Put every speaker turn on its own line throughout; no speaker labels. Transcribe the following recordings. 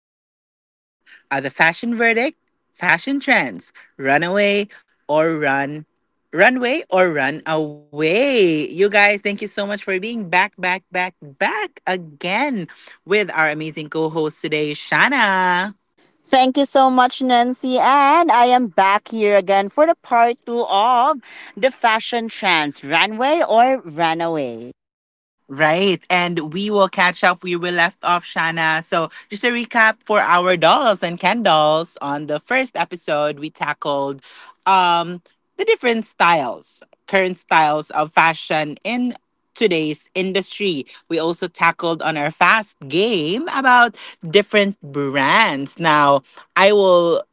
is part two of the fashion verdict, fashion trends, or run, runway or run away. You guys, thank you so much for being back again, with our amazing co-host today, Shana.
Thank you so much, Nancy. And I am back here again for the part two of the fashion trends runway or runaway.
Right. And we will catch up where we left off, Shana. So, just a recap for our dolls and Ken dolls. On the first episode, we tackled um, the different styles, current styles of fashion in today's industry. We also tackled on our fast game about different brands. Now, I will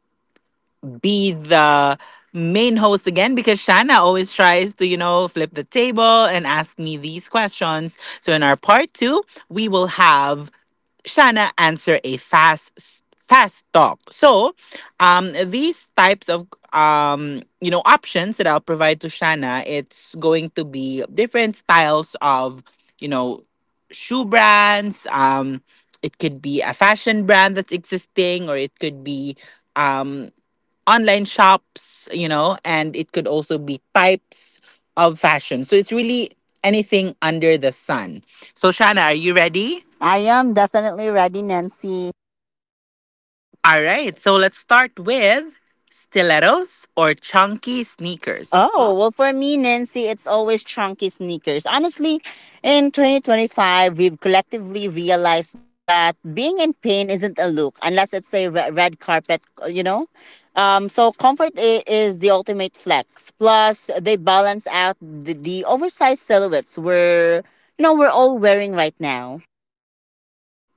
be the main host again, because Shanna always tries to, you know, flip the table and ask me these questions. So in our part two, we will have Shanna answer a fast talk. So these types of you know options that I'll provide to Shanna, it's going to be different styles of, you know, shoe brands. It could be a fashion brand that's existing, or it could be um online shops, you know, and it could also be types of fashion. So it's really anything under the sun. So, Shana, are you ready?
I am definitely ready, Nancy.
All right. So let's start with stilettos or chunky sneakers.
Oh, well, for me, Nancy, it's always chunky sneakers. Honestly, in 2025, we've collectively realized that being in pain isn't a look unless it's a red carpet, you know? Comfort is the ultimate flex. Plus, they balance out the oversized silhouettes we're, you know, we're all wearing right now.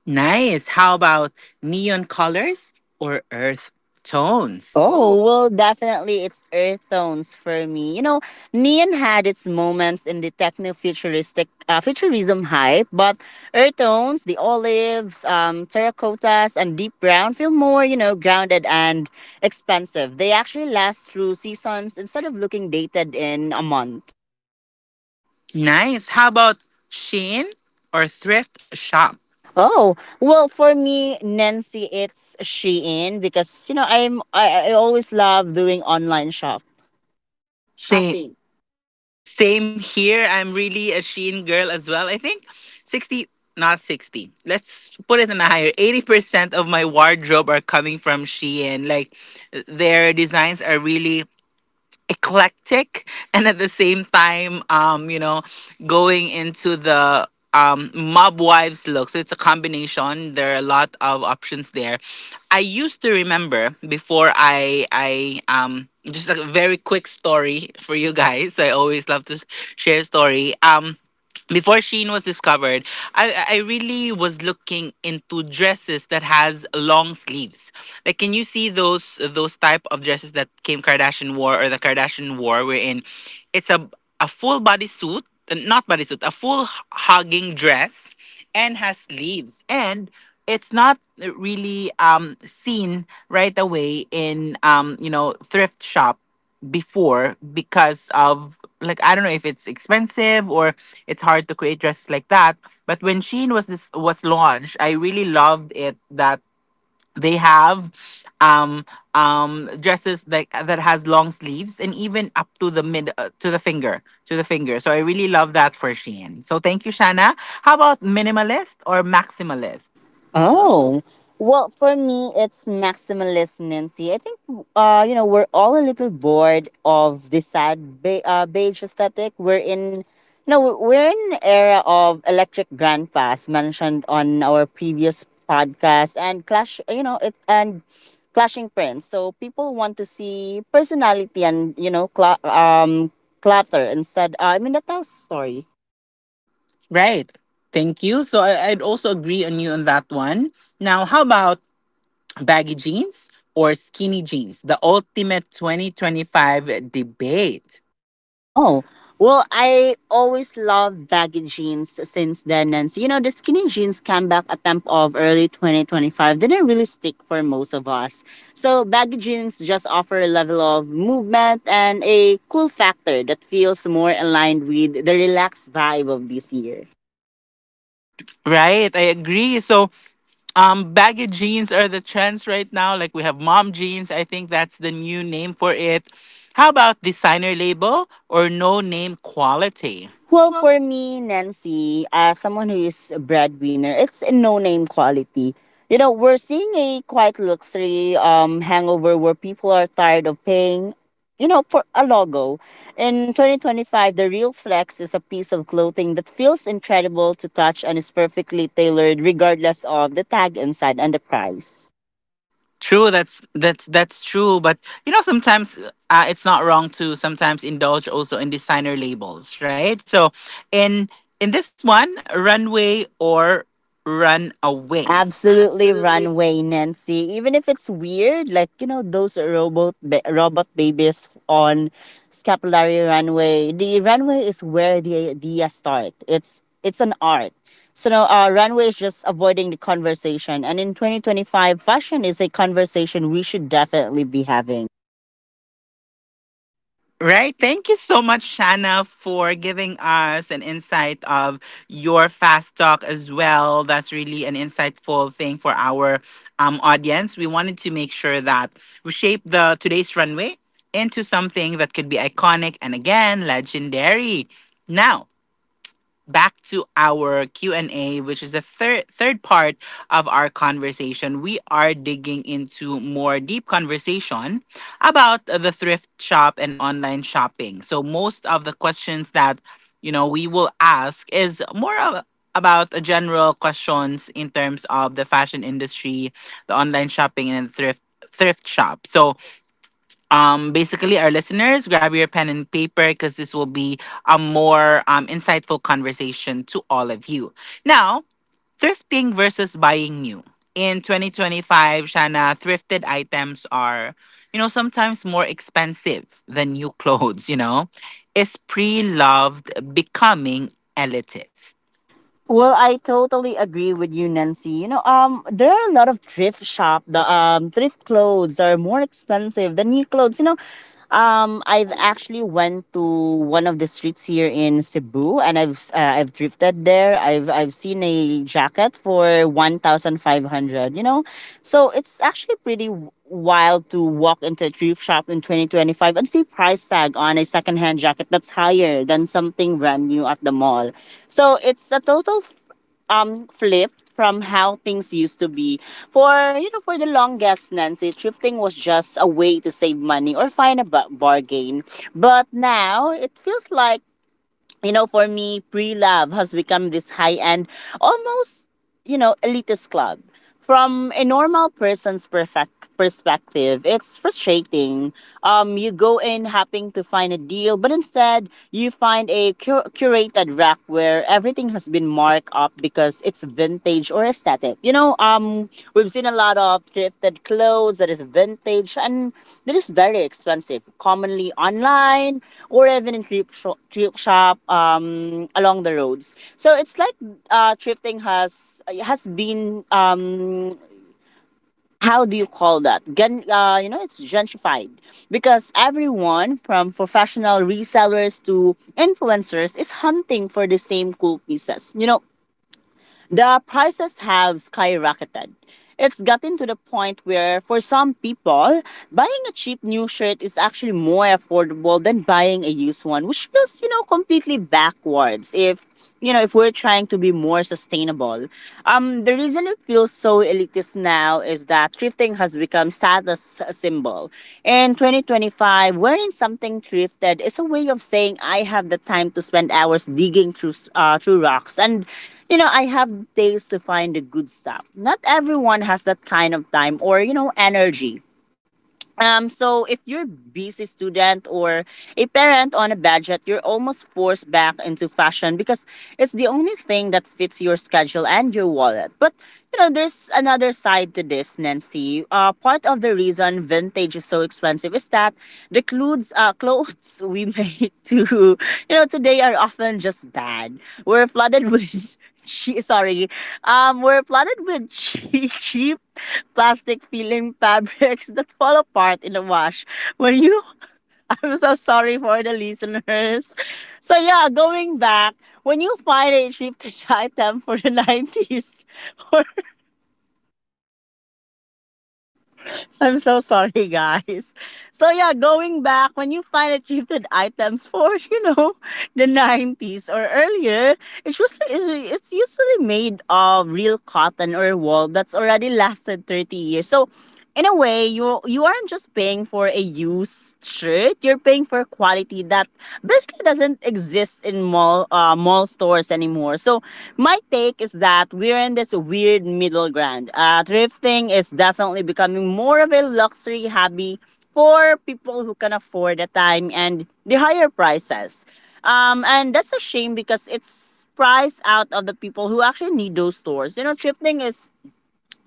Nice. How about neon colors or earth tones? Oh.
Oh, well, definitely it's earth tones for me. You know, neon had its moments in the techno-futuristic futurism hype, but earth tones, the olives, terracottas, and deep brown feel more, you know, grounded and expensive. They actually last through seasons instead of looking dated in a month.
Nice. How about Shein or thrift shop?
Oh, well, for me, Nancy, it's Shein because, you know, I always love doing online shop.
Shopping? Same here. I'm really a Shein girl as well. I think 60, not 60. Let's put it on a higher. 80% of my wardrobe are coming from Shein. Like, their designs are really eclectic, and at the same time, you know, going into the mob wives look. So it's a combination, there are a lot of options there. I used to remember before, I just like a very quick story for you guys, I always love to share story. Before Shein was discovered, I really was looking into dresses that has long sleeves. Like, can you see those type of dresses that Kim Kardashian wore, or the Kardashian wore, wherein it's a full bodysuit, not bodysuit, a full hugging dress, and has leaves, and it's not really seen right away in you know thrift shop before, because of like, I don't know if it's expensive or it's hard to create dresses like that. But when Shein was, this was launched, I really loved it that they have um dresses that that has long sleeves, and even up to the mid, to the finger. So I really love that for Shein. So thank you, Shana. How about minimalist or maximalist? Oh.
Oh, well, for me, it's maximalist Nancy. I think, you know, we're all a little bored of this sad beige aesthetic. We're in, you know, we're in an era of electric grandpas mentioned on our previous podcast and clash, you know, it and clashing prints. So people want to see personality and you know, cla clutter instead. I mean, that tells a story.
Right, thank you. So I'd also agree on you on that one. Now, how about baggy jeans or skinny jeans, the ultimate 2025 debate?
Oh. Well, I always love baggy jeans since then. And so, you know, the skinny jeans comeback attempt of early 2025 didn't really stick for most of us. So, baggy jeans just offer a level of movement and a cool factor that feels more aligned with the relaxed vibe of this year.
Right, I agree. So, baggy jeans are the trends right now. Like, we have mom jeans. I think that's the new name for it. How about designer label or no name
Okay.
quality?
Well,
Well,
for me, Nancy, as someone who is a breadwinner, it's a no-name quality. You know, we're seeing a quite luxury hangover where people are tired of paying, you know, for a logo. In 2025, the real flex is a piece of clothing that feels incredible to touch and is perfectly tailored regardless of the tag inside and the price.
true. That's true. But you know, sometimes, it's not wrong to sometimes indulge also in designer labels, right? So, in this one, runway or run
Wait.
away.
Absolutely
Absolutely.
runway, Nancy. Even if it's weird, like you know those robot babies on scapulary runway. The runway is where the idea start. It's an art. So now, runway is just avoiding the conversation. And in 2025, fashion is a conversation we should definitely be having.
Right. Thank you so much, Shanna, for giving us an insight of your fast talk as well. That's really an insightful thing for our audience. We wanted to make sure that we shape the today's runway into something that could be iconic and again legendary. Now, back to our Q&A, which is the third part of our conversation. We are digging into more deep conversation about the thrift shop and online shopping. So most of the questions that, you know, we will ask is more of about the general questions in terms of the fashion industry, the online shopping, and thrift shop. So basically, our listeners, grab your pen and paper because this will be a more insightful conversation to all of you. Now, thrifting versus buying new in 2025. Shana, thrifted items are, you know, sometimes more expensive than new clothes, you know. Is pre-loved becoming elitist?
Well, I totally agree with you, Nancy. You know, there are a lot of thrift shop. The thrift clothes are more expensive than new clothes. You know, I've actually went to one of the streets here in Cebu, and I've I've thrifted there. I've seen a jacket for 1,500. You know, so it's actually pretty wild to walk into a thrift shop in 2025 and see price tag on a secondhand jacket that's higher than something brand new at the mall. So it's a total flip from how things used to be. For you know, for the longest, Nancy, thrifting was just a way to save money or find a bargain. But now it feels like you know, for me, pre love has become this high end, almost, you know, elitist club. From a normal person's perfect perspective, it's frustrating. You go in hoping to find a deal, but instead you find a curated rack where everything has been marked up because it's vintage or aesthetic. We've seen a lot of thrifted clothes that is vintage and that is very expensive, commonly online or even in thrift, thrift shop along the roads. So it's like thrifting has been how do you call that? You know, it's gentrified because everyone from professional resellers to influencers is hunting for the same cool pieces. You know, the prices have skyrocketed. It's gotten to the point where, for some people, buying a cheap new shirt is actually more affordable than buying a used one, which feels, you know, completely backwards if, you know, if we're trying to be more sustainable. The reason it feels so elitist realities now is that thrifting has become status symbol. In 2025, wearing something thrifted is a way of saying I have the time to spend hours digging through through rocks, and you know I have days to find the good stuff. Not everyone has that kind of time or you know energy. So if you're busy student or a parent on a budget, you're almost forced back into fashion because it's the only thing that fits your schedule and your wallet. But you know, there's another side to this, Nancy. Part of the reason vintage is so expensive is that the clothes, clothes we make to, you know, today are often just bad. We're flooded with She, sorry, were flooded with cheap plastic filling fabrics that fall apart in the wash. When you, I'm so sorry for the listeners. So yeah, going back, when you find a cheap item for the '90s or I'm so sorry, guys. So yeah, going back, when you find thrifted items for you know the '90s or earlier, it's usually made of real cotton or wool that's already lasted 30 years. So in a way, you aren't just paying for a used shirt. You're paying for quality that basically doesn't exist in mall stores anymore. So my take is that we're in this weird middle ground. Thrifting is definitely becoming more of a luxury hobby for people who can afford the time and the higher prices. And that's a shame because it's priced out of the people who actually need those stores. You know, thrifting is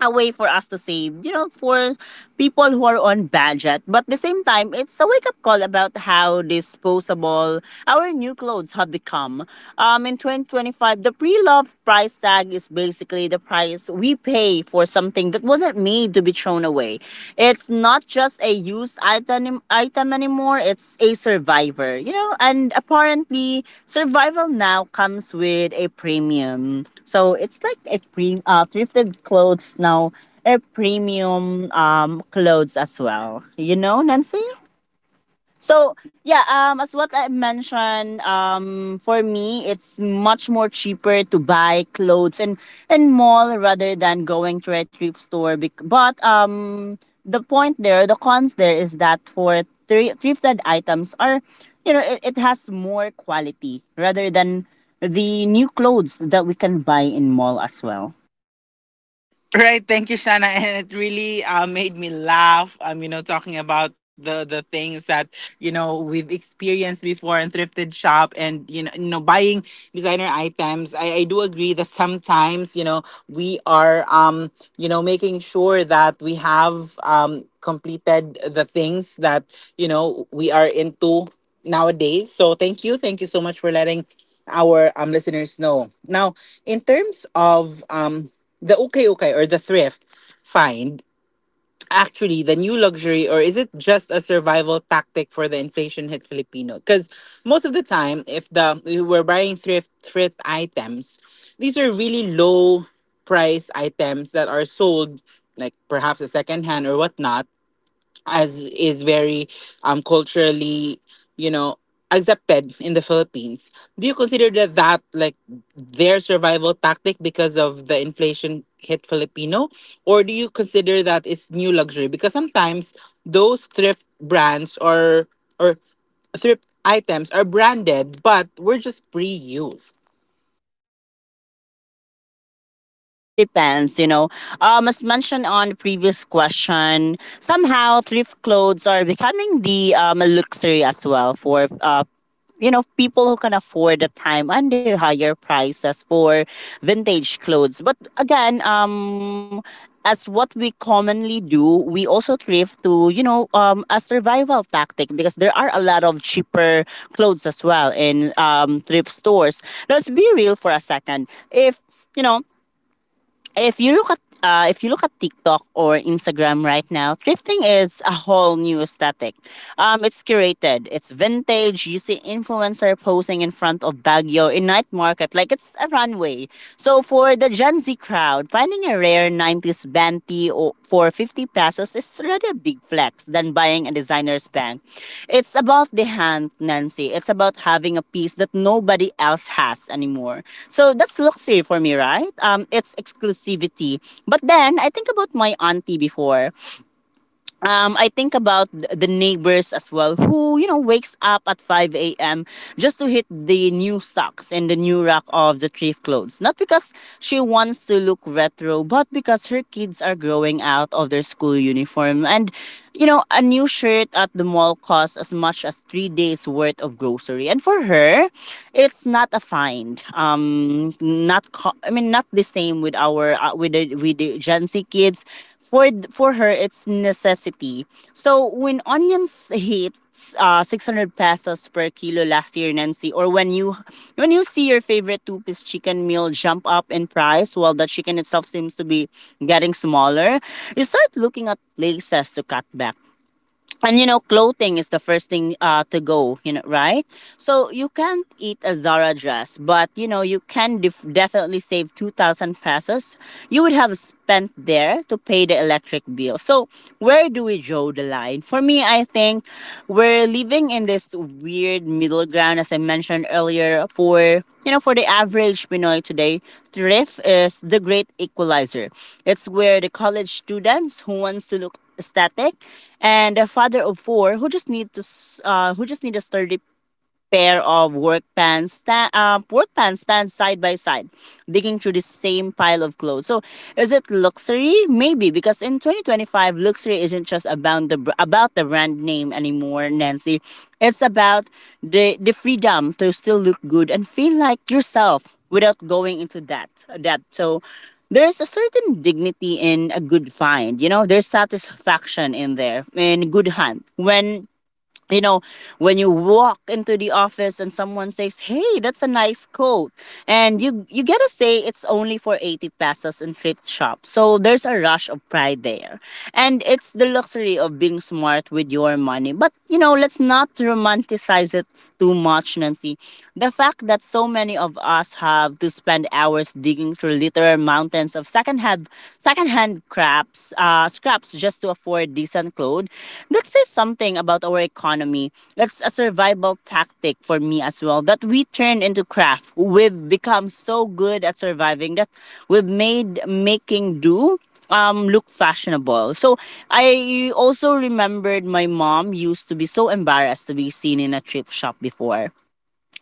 a way for us to save, you know, for people who are on budget. But at the same time, it's a wake up call about how disposable our new clothes have become. In 2025, the pre love price tag is basically the price we pay for something that wasn't made to be thrown away. It's not just a used item anymore, it's a survivor. You know, and apparently survival now comes with a premium. So it's like a pre thrifted clothes now a premium clothes as well. You know, Nancy? So yeah, as what I mentioned, for me it's much more cheaper to buy clothes and mall rather than going to a thrift store. Bec- But The point there, the cons there is that for thrifted items are, you know, it has more quality rather than the new clothes that we can buy in mall as well.
Right, thank you, Shana, and it really, made me laugh. You know, talking about the things that, you know, we've experienced before in thrifted shop, and you know, buying designer items. I do agree that sometimes, you know, we are you know, making sure that we have completed the things that, you know, we are into nowadays. So thank you so much for letting our listeners know. Now, in terms of the, okay or the thrift find. Actually, the new luxury, or is it just a survival tactic for the inflation hit Filipino? Because most of the time, if the, we're buying thrift items, these are really low price items that are sold, like perhaps a second hand or whatnot, as is very culturally, you know, accepted in the Philippines. Do you consider that, that like, their survival tactic because of the inflation hit Filipino, or do you consider that it's new luxury because sometimes those thrift brands or or thrift items are branded but were just pre-used?
Yeah, I agree to that one, and it really depends, you know. As mentioned on the previous question, somehow thrift clothes are becoming the luxury as well for you know people who can afford the time and the higher prices for vintage clothes, but again as what we commonly do we also thrift to you know a survival tactic because there are a lot of cheaper clothes as well in thrift stores. Let's be real for a second. If you know, if you look at if you look at TikTok or Instagram right now, thrifting is a whole new aesthetic. It's curated, it's vintage. You see influencer posing in front of Baguio in night market like it's a runway. So for the Gen Z crowd, finding a rare '90s Fenty for 50 pesos is really a big flex than buying a designer's bag. It's about the hand, Nancy. It's about having a piece that nobody else has anymore. So that's luxury for me, right? It's exclusivity. But then I think about my auntie before I think about the neighbors as well who, you know, wakes up at 5 a.m. just to hit the new stocks and the new rack of the thrift clothes. Not because she wants to look retro, but because her kids are growing out of their school uniform. And, you know, a new shirt at the mall costs as much as 3 days worth of grocery. And for her, it's not a find. Not co- I mean not the same with our with the Gen Z kids. For for her it's necessity. So when onions hit 600 pesos per kilo last year, Nancy, or when you see your favorite two-piece chicken meal jump up in price while the chicken itself seems to be getting smaller, you start looking at places to cut back, and you know clothing is the first thing to go, right? So you can't eat a Zara dress, but you know you can definitely save 2000 pesos you would have spent there to pay the electric bill. So where do we draw the line? For me, I think we're living in this weird middle ground. As I mentioned earlier, for you know for the average Pinoy today, thrift is the great equalizer. It's where the college students who wants to look aesthetic, and a father of four who just who just need a sturdy pair of work pants, work pants stand side by side, digging through the same pile of clothes. So, is it luxury? Maybe, because in 2025, luxury isn't just about the about the brand name anymore, Nancy. It's about the freedom to still look good and feel like yourself without going into that. So, there's a certain dignity in a good find. You know, there's satisfaction in there in good hunt when you know, when you walk into the office and someone says, "Hey, that's a nice coat," and you gotta say it's only for 80 pesos in thrift shop. So there's a rush of pride there, and it's the luxury of being smart with your money. But you know, let's not romanticize it too much, Nancy. The fact that so many of us have to spend hours digging through literal mountains of secondhand crafts, scraps just to afford decent clothes, that says something about our economy. That's a survival tactic for me as well, that we turn into craft. We've become so good at surviving that we've made making do look fashionable. So I also remembered my mom used to be so embarrassed to be seen in a thrift shop before.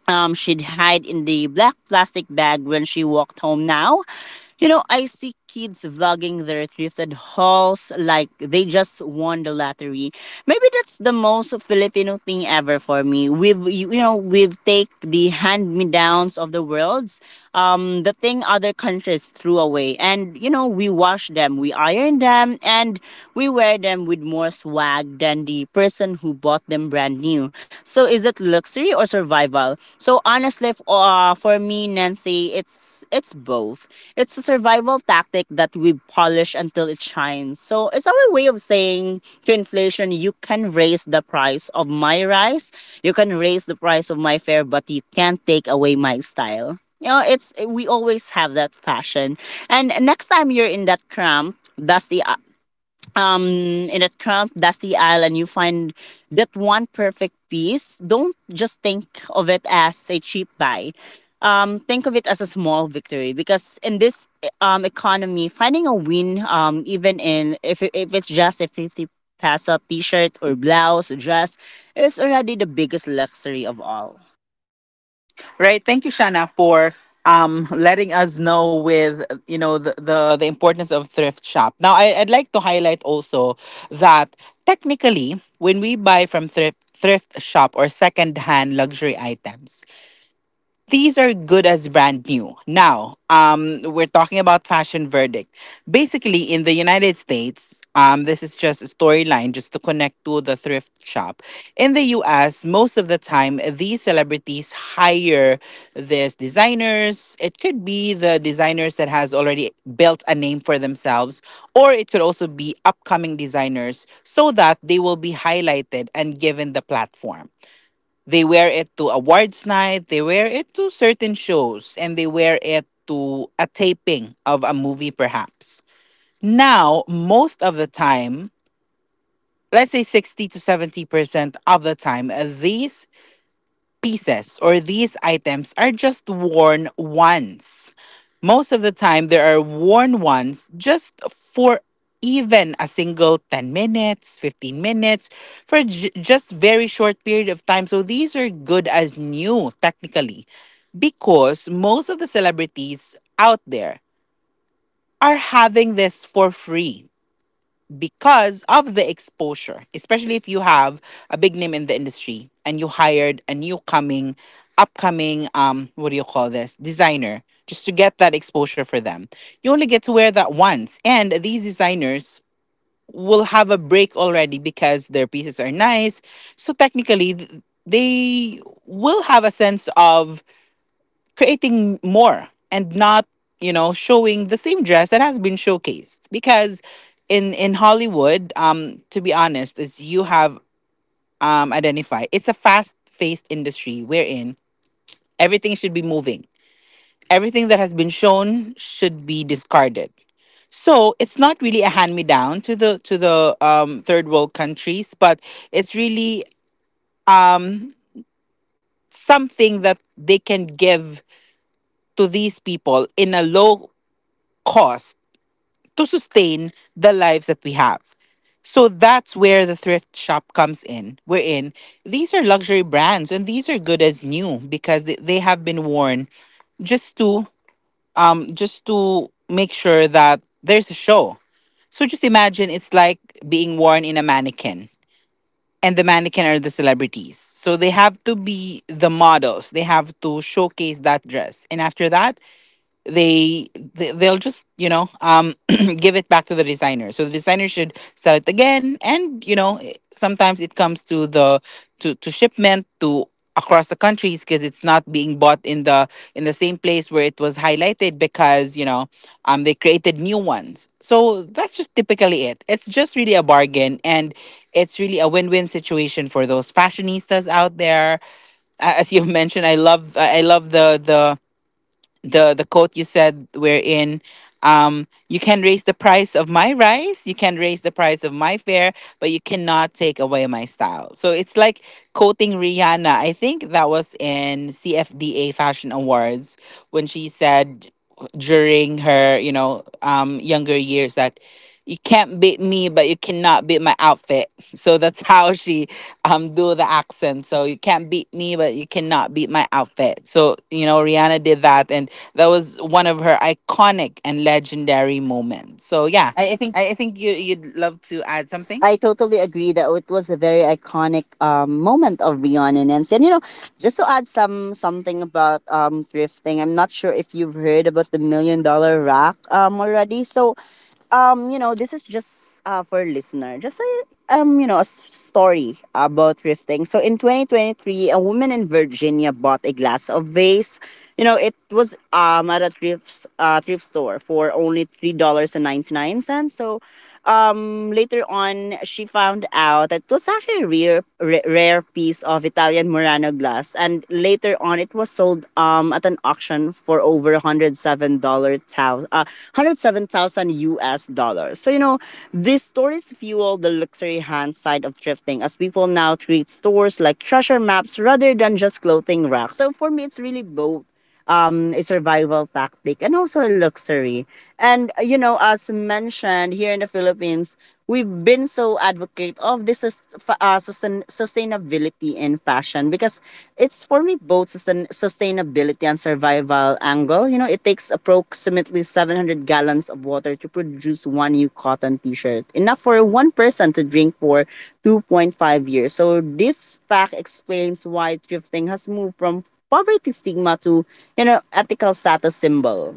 She'd hide in the black plastic bag when she walked home now. You know, I see kids vlogging their thrifted hauls like they just won the lottery. Maybe that's the most Filipino thing ever for me. We've we've take the hand me downs of the worlds, the thing other countries threw away, and you know we wash them, we iron them, and we wear them with more swag than the person who bought them brand new. So is it luxury or survival? So honestly, for me, Nancy, it's both. It's a survival tactic that we polish until it shines. So it's our way of saying to inflation, you can raise the price of my rice, you can raise the price of my fare, but you can't take away my style. You know, it's we always have that fashion. And next time you're in that cramp, dusty um in a tramp dusty aisle and you find that one perfect piece, don't just think of it as a cheap buy, think of it as a small victory, because in this economy finding a win, even in if it's just a 50 peso t-shirt or blouse or dress, is already the biggest luxury of all.
Right. Thank you, Shana, for letting us know with, you know, the importance of thrift shop. Now I'd like to highlight also that technically, when we buy from thrift shop or secondhand luxury items, these are good as brand new. Now, we're talking about fashion verdict. Basically, in the United States, this is just a storyline just to connect to the thrift shop. In the US, most of the time, these celebrities hire these designers. It could be the designers that has already built a name for themselves, or it could also be upcoming designers so that they will be highlighted and given the platform. They wear it to awards night, they wear it to certain shows, and they wear it to a taping of a movie, perhaps. Now, most of the time, let's say 60 to 70% of the time, these pieces or these items are just worn once. Most of the time, they are worn once just for even a single 10 minutes, 15 minutes, for just very short period of time. So these are good as new technically, because most of the celebrities out there are having this for free because of the exposure, especially if you have a big name in the industry and you hired a new coming, upcoming, what do you call this, designer, just to get that exposure for them. You only get to wear that once. And these designers will have a break already because their pieces are nice. So technically, they will have a sense of creating more, and not, you know, showing the same dress that has been showcased. Because in Hollywood, um, to be honest, as you have identified, it's a fast paced industry, wherein everything should be moving, everything that has been shown should be discarded. So it's not really a hand me down to the, third world countries, but it's really, um, something that they can give to these people in a low cost to sustain the lives that we have. So that's where the thrift shop comes in. We're in. These are luxury brands, and these are good as new because they have been worn just to, just to make sure that there's a show. So just imagine, it's like being worn in a mannequin, and the mannequin are the celebrities. So they have to be the models. They have to showcase that dress. And after that, they they'll just, you know, give it back to the designer, so the designer should sell it again. And you know, sometimes it comes to the, to shipment to across the countries, because it's not being bought in the, in the same place where it was highlighted, because you know, um, they created new ones. So that's just typically, it's just really a bargain, and it's really a win-win situation for those fashionistas out there. As you have mentioned, I love the quote you said, wherein, um, you can raise the price of my rice, you can raise the price of my fare, but you cannot take away my style. So it's like quoting Rihanna. I think that was in CFDA Fashion Awards, when she said, during her, you know, um, younger years, that, "You can't beat me, but you cannot beat my outfit," so that's how she, um, do the accent. So, "You can't beat me, but you cannot beat my outfit." So you know, Rihanna did that, and that was one of her iconic and legendary
So
moments.
yeah,
So yeah,
I think
I think you'd love to add something.
I totally agree that it was a very iconic moment of reonenance. And Nancy. And you know, just to add something about thrifting, I'm not sure if you've heard about the million dollar rack already. So, you know, this is just for listener, just a you know, a story about thrifting. So in 2023, a woman in Virginia bought a glass of vase. You know, it was at a thrift store for only $3 and 99 cents. So, later on, she found out that it was actually a rare piece of Italian Murano glass, and later on, it was sold at an auction for over 107,000 US dollars. So you know, these stories fuel the luxury hand side of thrifting, as people now treat stores like treasure maps rather than just clothing racks. So for me, it's really both a survival tactic and also a luxury. And you know, as mentioned here in the Philippines, we've been so advocate of this sustainability in fashion, because it's for me both sustainability and survival angle. You know, it takes approximately 700 gallons of water to produce one new cotton t-shirt, enough for one person to drink for 2.5 years. So this fact explains why thrifting has moved from poverty stigma to, you know, ethical status symbol.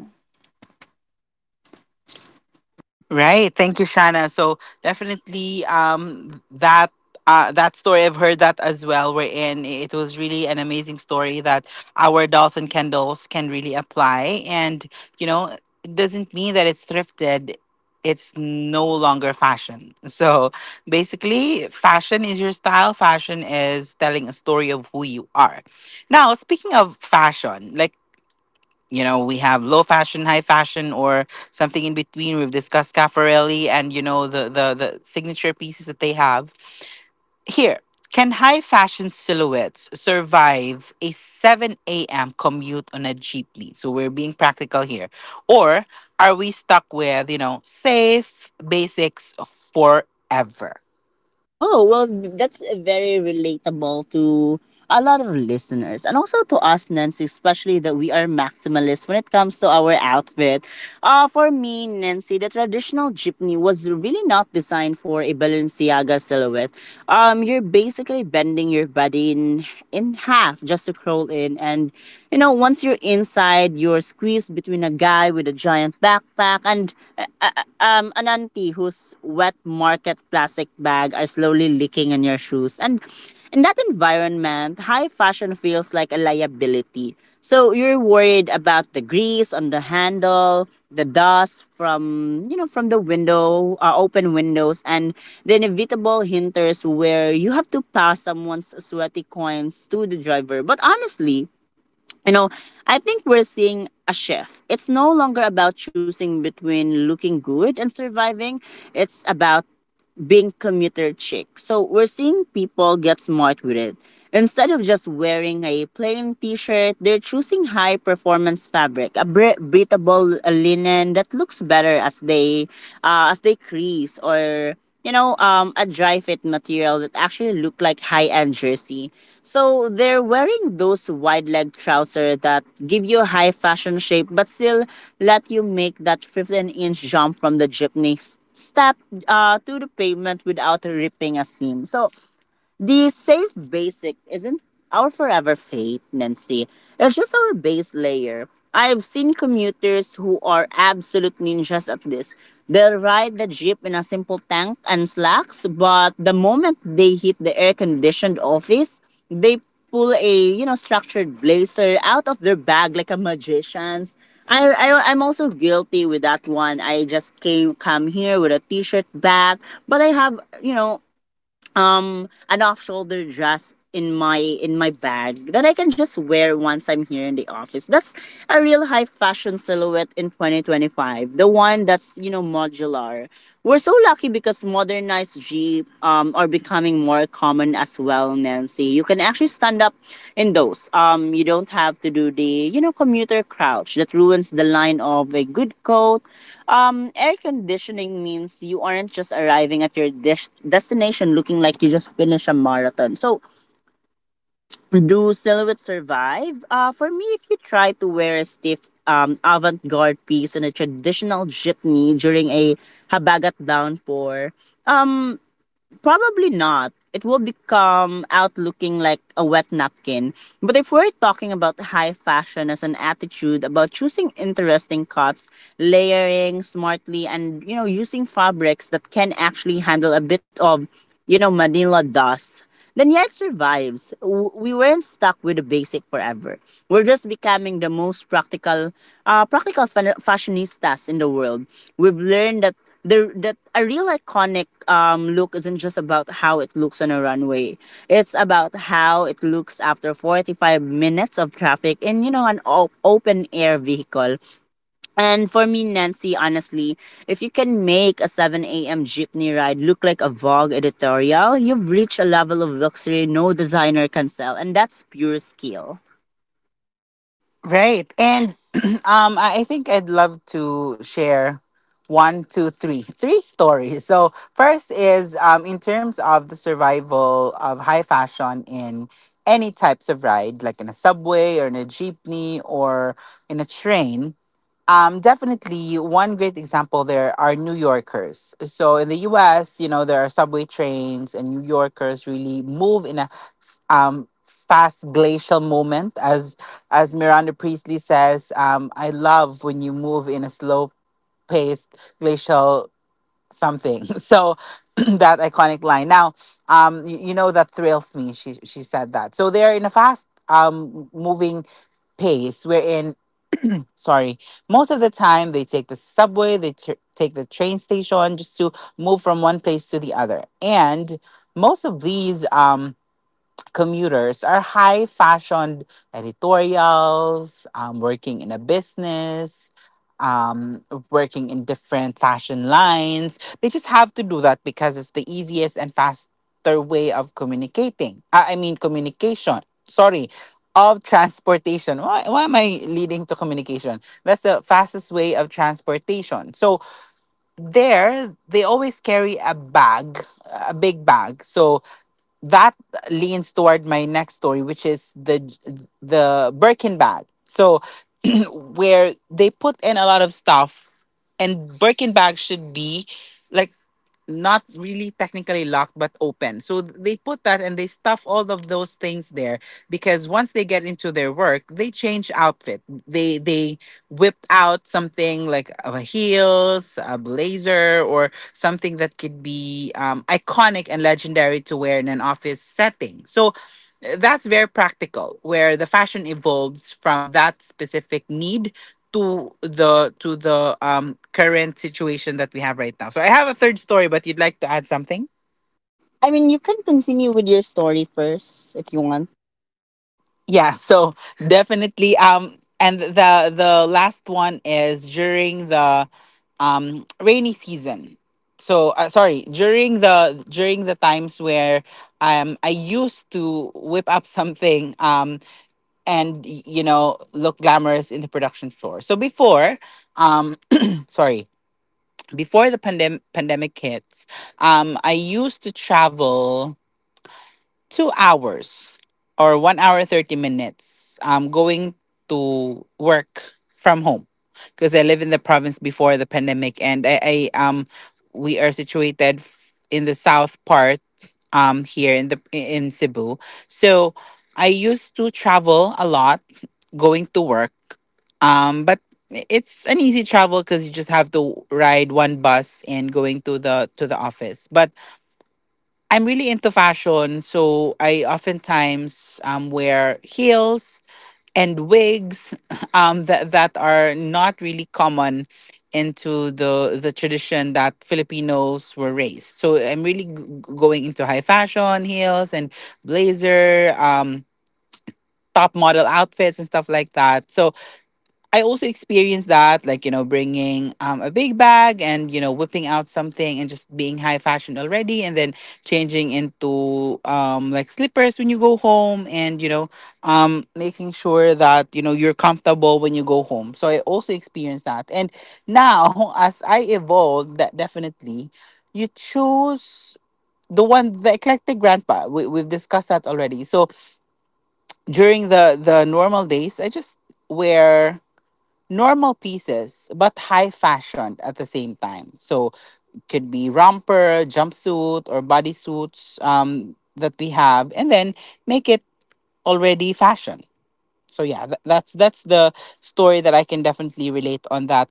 Right. Thank you, Shana. So definitely that story I've heard that as well. We're in it was really an amazing story that our dolls and candles can really apply. And you know, it doesn't mean that it's thrifted. It's no longer fashion. So basically, fashion is your style. Fashion is telling a story of who you are. Now, speaking of fashion, like we have low fashion high fashion or something in between. We've discussed caffarelli, and the signature pieces that they have here. Can high fashion silhouettes survive a 7 a.m. commute on a jeepney, so we're being practical here, or are we stuck with safe basics forever?
Oh, well, that's very relatable to a lot of listeners and also to us, Nancy, especially that we are maximalists when it comes to our outfit. For me, Nancy, the traditional jeepney was really not designed for a Balenciaga silhouette. You're basically bending your body in half just to crawl in. And, you know, once you're inside, you're squeezed between a guy with a giant backpack pack, and an auntie whose wet market plastic bag are slowly leaking in your shoes. And in that environment, high fashion feels like a liability. So you're worried about the grease on the handle, the dust from you know from the window, open windows, and the inevitable hinders where you have to pass someone's sweaty coins to the driver. But honestly, you know, I think we're seeing a shift. It's no longer about choosing between looking good and surviving. It's about being commuter chic. So we're seeing people get smart with it. Instead of just wearing a plain t-shirt, they're choosing high performance fabric, a breathable linen that looks better as they crease, or you know a dry fit material that actually look like high end jersey. So they're wearing those wide leg trousers that give you a high fashion shape but still let you make that 15-inch jump from the jeepney stepped to the pavement without ripping a seam. So, the safe basic isn't our forever fate, Nancy. It's just our base layer. I've seen commuters who are absolute ninjas at this. They'll ride the jeep in a simple tank and slacks, but the moment they hit the air-conditioned office, they pull a you know structured blazer out of their bag like a magician's. I'm also guilty with that one. I just came come here with a t-shirt bag, but I have you know an off shoulder dress in my bag that I can just wear once I'm here in the office. That's a real high fashion silhouette in 2025. The one that's, you know, modular. We're so lucky because modernized Jeep are becoming more common as well, Nancy. You can actually stand up in those. You don't have to do the you know commuter crouch that ruins the line of a good coat. Air conditioning means you aren't just arriving at your destination looking like you just finished a marathon. So do silhouettes survive? For me, if you try to wear a stiff avant-garde piece and a traditional jeepney during a habagat downpour, probably not. It will become out looking like a wet napkin. But if we're talking about high fashion as an attitude, about choosing interesting cuts, layering smartly, and you know, using fabrics that can actually handle a bit of you know, Manila dust, then yet survives. We weren't stuck with the basic forever. We're just becoming the most practical, fashionistas in the world. We've learned that a real iconic look isn't just about how it looks on a runway. It's about how it looks after 45 minutes of traffic in, you know, an open air vehicle. And for me, Nancy, honestly, if you can make a 7 a.m. jeepney ride look like a Vogue editorial, you've reached a level of luxury no designer can sell, and that's pure skill.
Right. And I think I'd love to share one, two, three stories. So first is in terms of the survival of high fashion in any types of ride, like in a subway or in a jeepney or in a train. Definitely, one great example there are New Yorkers. So in the U.S., you know there are subway trains, and New Yorkers really move in a fast glacial moment. As Miranda Priestley says, I love when you move in a slow paced glacial something. So that iconic line. Now, you know that thrills me. She said that. So they're in a fast moving pace wherein um sorry, most of the time they take the subway, they take the train station just to move from one place to the other. And most of these commuters are high fashioned editorials, working in a business, working in different fashion lines. They just have to do that because it's the easiest and faster way of communicating. I mean, communication. Sorry. Of transportation. Why am I leading to communication? That's the fastest way of transportation. So, there, they always carry a bag, a big bag. So, that leans toward my next story, which is the Birkin bag. So where they put in a lot of stuff, and Birkin bag should be like not really technically locked but open. So they put that and they stuff all of those things there because once they get into their work, they change outfit. They whip out something like a heels, a blazer, or something that could be iconic and legendary to wear in an office setting. So that's very practical where the fashion evolves from that specific need to the current situation that we have right now. So I have a third story, but you'd like to add something?
I mean, you can continue with your story first if you want.
Yeah, so definitely and the last one is during the rainy season. So sorry, during the times where I used to whip up something and look glamorous in the production floor. So before um sorry, before the pandemic hits, I used to travel 2 hours or 1 hour 30 minutes, going to work from home because I live in the province before the pandemic, and I we are situated in the south part, here in the in Cebu, so. I used to travel a lot going to work. But it's an easy travel because you just have to ride one bus and going to the office. But I'm really into fashion, so I oftentimes wear heels and wigs that are not really common into the tradition that Filipinos were raised. So I'm really going into high fashion, heels and blazer, top model outfits and stuff like that. So I also experienced that, like, bringing a big bag and, whipping out something and just being high fashion already and then changing into like slippers when you go home and, making sure that, you're comfortable when you go home. So I also experienced that. And now, as I evolved, that definitely you choose the one, the eclectic grandpa. We've discussed that already. So during the normal days, I just wear normal pieces, but high fashion at the same time. So could be romper, jumpsuit, or bodysuits that we have, and then make it already fashion. So yeah, that's the story that I can definitely relate on that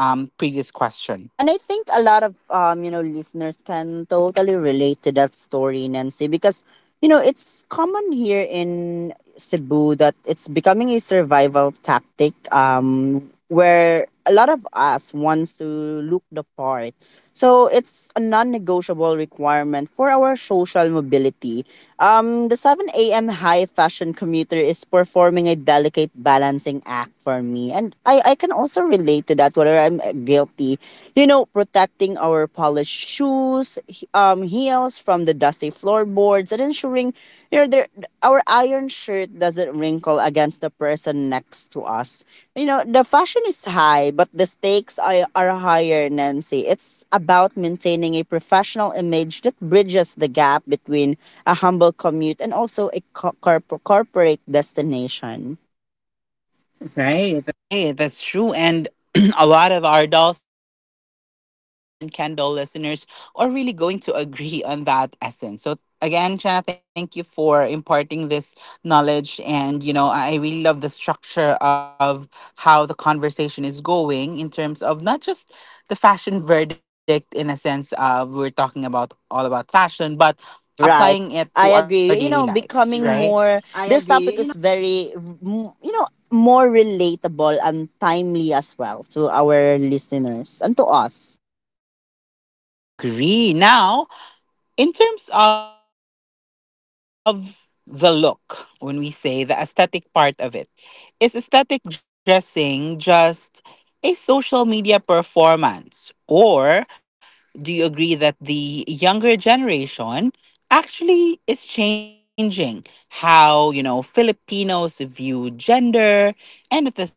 previous question.
And I think a lot of you know, listeners can totally relate to that story, Nancy, because you know, it's common here in Cebu that it's becoming a survival tactic where a lot of us wants to look the part, so it's a non-negotiable requirement for our social mobility. The 7 a.m. high fashion commuter is performing a delicate balancing act for me. And I can also relate to that, whether I'm guilty. You know, protecting our polished shoes, heels from the dusty floorboards, and ensuring you know, there, our iron shirt doesn't wrinkle against the person next to us. You know, the fashion is high, but the stakes are higher, Nancy. It's about maintaining a professional image that bridges the gap between a humble commute and also a corporate destination. Right.
Right, that's true. And a lot of our dolls and Kendall listeners are really going to agree on that essence. So again, Chana, thank you for imparting this knowledge. And I really love the structure of how the conversation is going in terms of not just the fashion verdict in a sense of we're talking about all about fashion, but applying it to our
That's
daily
true. Right.
lives. Right.
I
Right?
agree.
I
You know,
agree.
becoming more this topic is very you know, more relatable and timely as well to our listeners and to us.
I agree. Now, in terms of the look, when we say the aesthetic part of it, is aesthetic dressing just a social media performance? Or do you agree that the younger generation actually is changing how, Filipinos view gender and at the same time identity?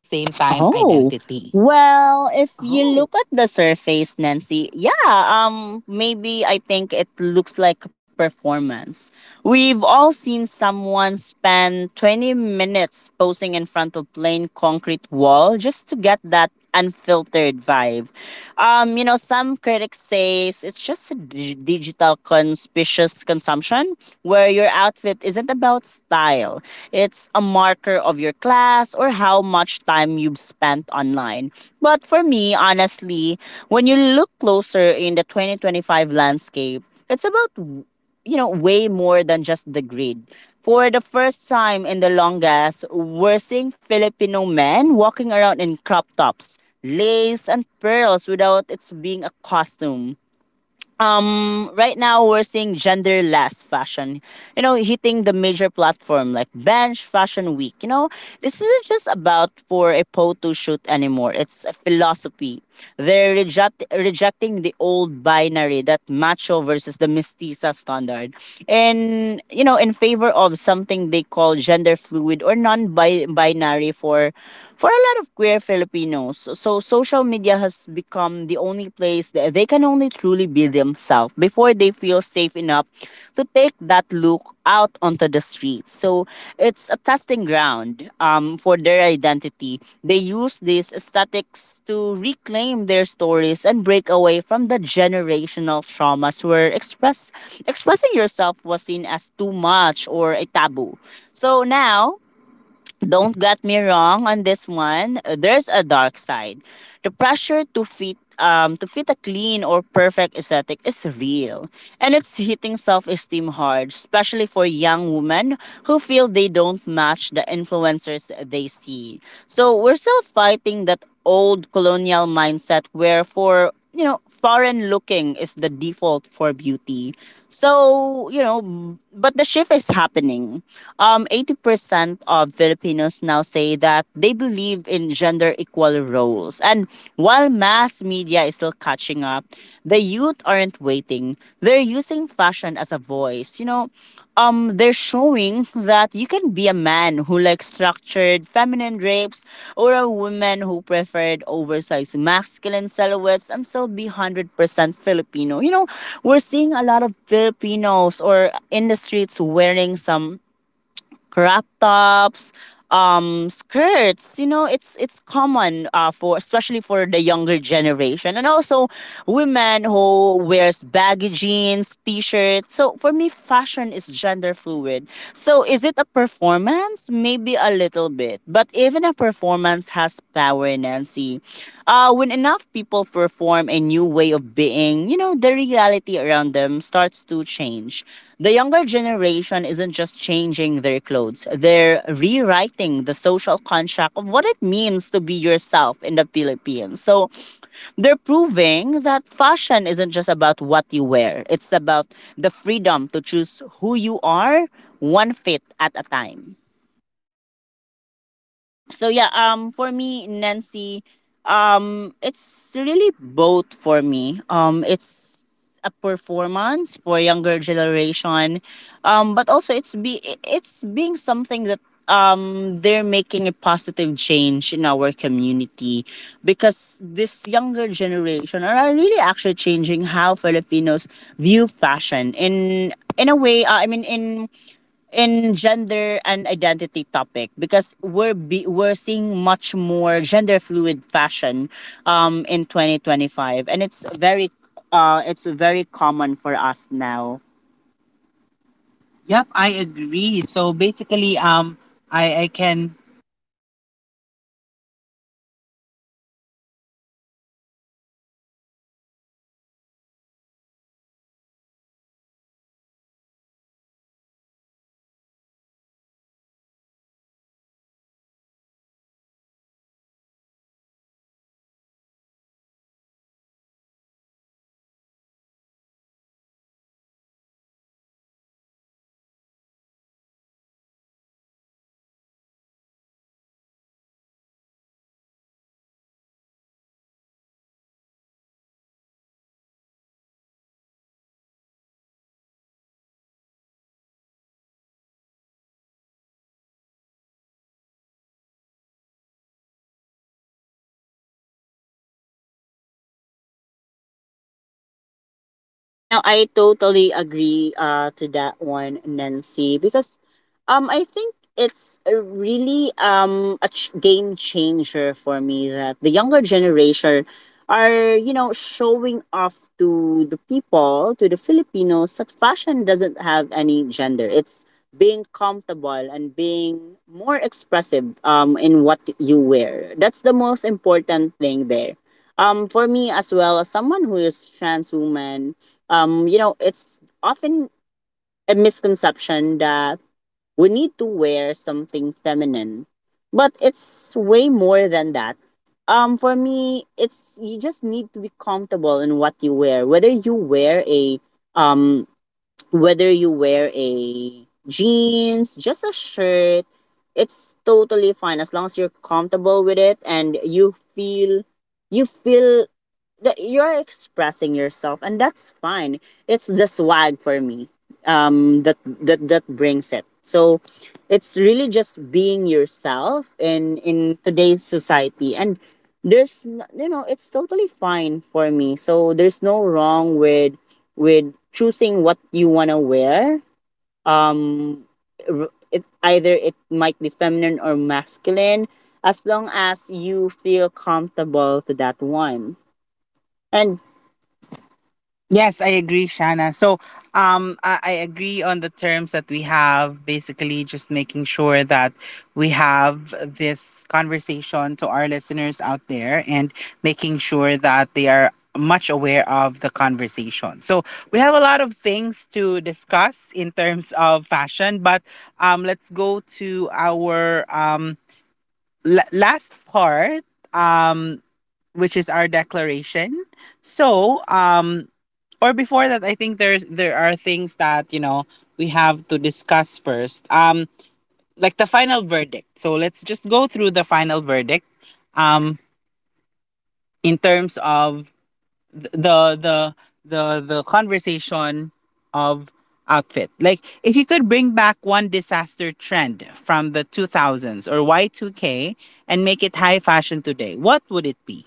Oh,
Oh.
well, if you look at the surface, Nancy, yeah, maybe I think it looks like a performance. We've all seen someone spend 20 minutes posing in front of plain concrete wall just to get that unfiltered vibe. You know, some critics say it's just a digital conspicuous consumption where your outfit isn't about style. It's a marker of your class or how much time you've spent online. But for me, honestly, when you look closer in the 2025 landscape, it's about you know, way more than just the grid. For the first time in the longest, we're seeing Filipino men walking around in crop tops, lace, and pearls without it's being a costume. um right now we're seeing genderless fashion, you know, hitting the major platform like Bench Fashion Week. You know, this isn't just about for a photo shoot anymore, it's a philosophy. They're rejecting the old binary, that macho versus the mestiza standard, and you know, in favor of something they call gender fluid or non-binary. For a lot of queer Filipinos, so social media has become the only place that they can only truly be themselves before they feel safe enough to take that look out onto the streets. So it's a testing ground, for their identity. They use these aesthetics to reclaim their stories and break away from the generational traumas where expressing yourself was seen as too much or a taboo. So now, don't get me wrong on this one. There's a dark side. The pressure to fit a clean or perfect aesthetic is real, and it's hitting self-esteem hard, especially for young women who feel they don't match the influencers they see. So we're still fighting that old colonial mindset where, for you know, foreign looking is the default for beauty. So you know, but the shift is happening. Um, 80% of Filipinos now say that they believe in gender equal roles, and while mass media is still catching up, the youth aren't waiting. They're using fashion as a voice, you know. They're showing that you can be a man who likes structured feminine drapes or a woman who preferred oversized masculine silhouettes and still be 100% Filipino. You know, we're seeing a lot of Filipinos or in the streets wearing some crop tops, skirts. You know, it's common uh, for especially for the younger generation, and also women who wears baggy jeans t-shirts. So for me, fashion is gender fluid. So is it a performance? Maybe a little bit, but even a performance performance has power, Nancy. When enough people perform a new way of being, you know, the reality around them starts to change. The younger generation isn't just changing their clothes, they're rewriting the social contract of what it means to be yourself in the Philippines. So they're proving that fashion isn't just about what you wear, it's about the freedom to choose who you are, one fit at a time. So yeah, for me, Nancy, it's really both for me. Um, it's a performance for younger generation, but also it's being something that they're making a positive change in our community, because this younger generation are really actually changing how Filipinos view fashion in a way. I mean, in gender and identity topic, because we're seeing much more gender fluid fashion in 2025, and it's very common for us now. Yep, I agree. So basically, I can you know, I totally agree to that one, Nancy, because I think it's a really a game changer for me, that the younger generation are, you know, showing off to the people, to the Filipinos, that fashion doesn't have any gender. It's being comfortable and being more expressive, in what you wear. That's the most important thing there. For me as well, as someone who is trans woman, you know, it's often a misconception that we need to wear something feminine, but it's way more than that. For me, it's you just need to be comfortable in what you wear, whether you wear a whether you wear a jeans, just a shirt, it's totally fine as long as you're comfortable with it and you feel that you're expressing yourself, and that's fine. It's the swag for me. Um, that brings it. So it's really just being yourself in today's society, and there's you know, it's totally fine for me. So there's no wrong with choosing what you want to wear. Um, either it might be feminine or masculine, as long as you feel comfortable to that one. And yes, I agree, Shanna. So, I agree on the terms that we have. Basically, just making sure that we have this conversation to our listeners out there, and making sure that they are much aware of the conversation. So, we have a lot of things to discuss in terms of fashion, but let's go to our last part, um, which is our declaration. So, or before that, I think there are things that you know, we have to discuss first. Um, like the final verdict. So let's just go through the final verdict, um in terms of th- the the the conversation of outfit. Like if you could bring back one disaster trend from the 2000s or Y2K and make it high fashion today, what would it be?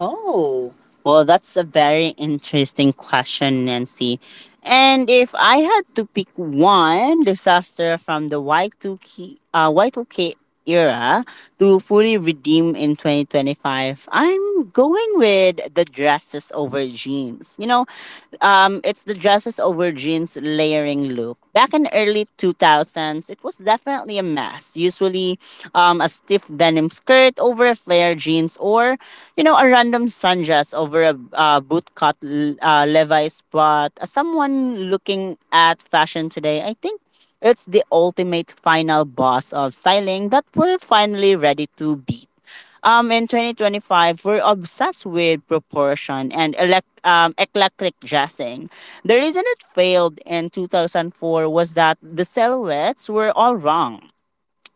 Oh, well, that's a very interesting question, Nancy. And if I had to pick one disaster from the Y2K, Y2K era to fully redeem in 2025, I'm going with the dresses over jeans. You know, it's the dresses over jeans layering look. Back in early 2000s, it was definitely a mess. Usually, a stiff denim skirt over a flare jeans, or you know, a random sundress over a Levi's. But as someone looking at fashion today, I think it's the ultimate final boss of styling that we're finally ready to beat. In 2025, we're obsessed with proportion and eclectic dressing. The reason it failed in 2004 was that the silhouettes were all wrong.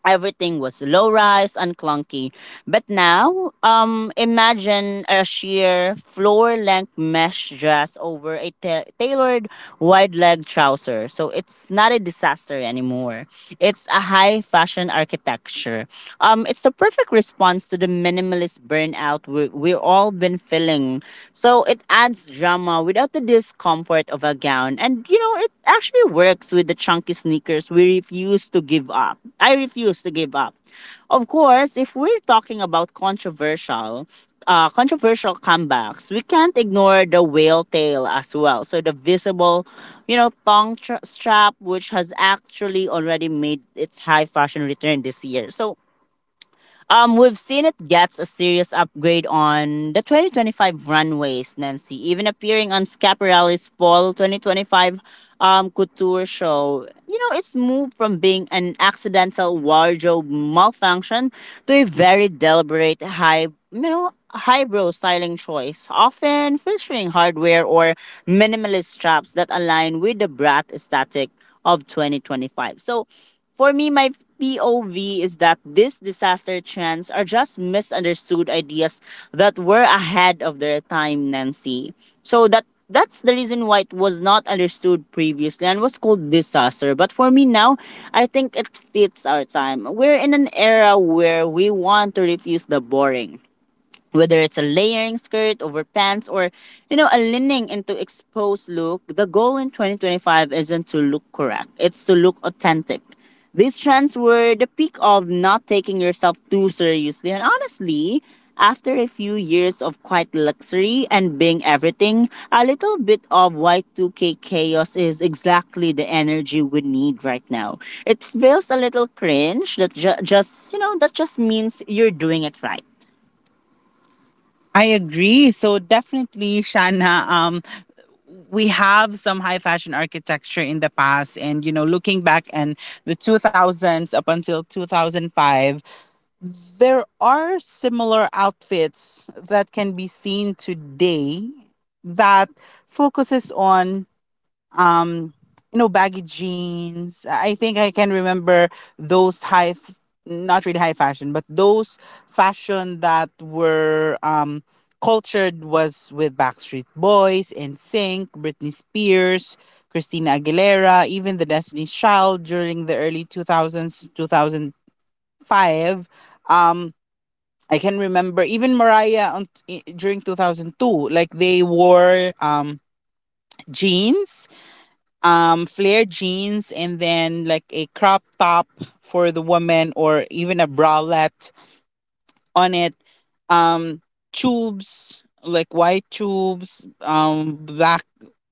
Everything was low rise and clunky. But now, imagine a sheer floor length mesh dress over a tailored wide leg trouser. So it's not a disaster anymore. It's a high fashion architecture. It's the perfect response to the minimalist burnout we've all been feeling. So it adds drama without the discomfort of a gown. And you know, it actually works with the chunky sneakers we refuse to give up. I refuse to give up. Of course, if we're talking about controversial, controversial comebacks, we can't ignore the whale tail as well. So the visible, you know, tongue strap, which has actually already made its high fashion return this year. So we've seen it gets a serious upgrade on the 2025 runways, Nancy, even appearing on Scaparelli's Fall 2025 Couture Show. You know, it's moved from being an accidental wardrobe malfunction to a very deliberate highbrow styling choice, often featuring hardware or minimalist straps that align with the brat aesthetic of 2025. So, for me, my POV is that these disaster trends are just misunderstood ideas that were ahead of their time, Nancy. So that's the reason why it was not understood previously and was called disaster. But for me now, I think it fits our time. We're in an era where we want to refuse the boring. Whether it's a layering skirt over pants, or you know, a leaning into exposed look, the goal in 2025 isn't to look correct, it's to look authentic. These trends were the peak of not taking yourself too seriously, and honestly, after a few years of quiet luxury and being everything, a little bit of Y2K chaos is exactly the energy we need right now. It feels a little cringe, that just, you know, that just means you're doing it right. I agree. So definitely, Shana, we have some high fashion architecture in the past, and you know, looking back and the two thousands up until 2005, there are similar outfits that can be seen today that focuses on um, you know, baggy jeans. I think I can remember those high, not really high fashion, but those fashion that were cultured was with Backstreet Boys, NSYNC, Britney Spears, Christina Aguilera, even the Destiny's Child during the early 2000s, 2005. Um, I can remember even Mariah during 2002. Like they wore jeans flare jeans and then like a crop top for the woman or even a bralette on it, um tubes, like white tubes, black,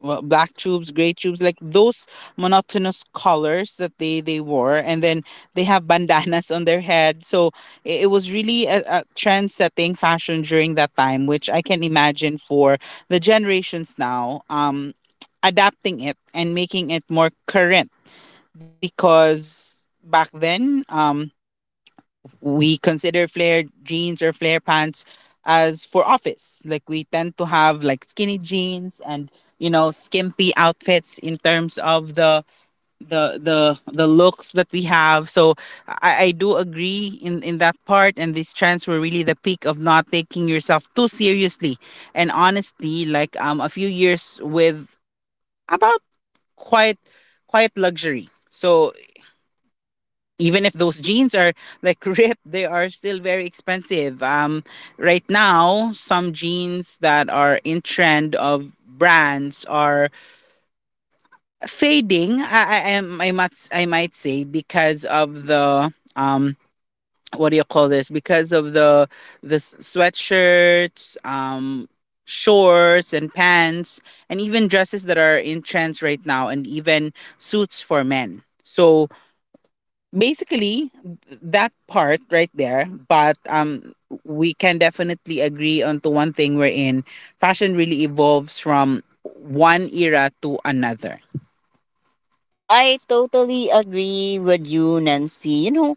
black tubes, gray tubes, like those monotonous colors that they wore. And then they have bandanas on their head. So it was really a trend setting fashion during that time, which I can imagine for the generations now adapting it and making it more current. Because back then, um we consider flare jeans or flare pants as for office. Like we tend to have like skinny jeans and skimpy outfits in terms of the the looks that we have. So I do agree in that part. And these trends were really the peak of not taking yourself too seriously. And honestly, like a few years with about quite quite luxury. So even if those jeans are like ripped, they are still very expensive. Right now, some jeans that are in trend of brands are fading. I might, say, because of the what do you call this? Because of the sweatshirts, shorts and pants, and even dresses that are in trends right now, and even suits for men. So basically that part right there. But we can definitely agree on to one thing wherein fashion really evolves from one era to another. I totally agree with you, Nancy. You know,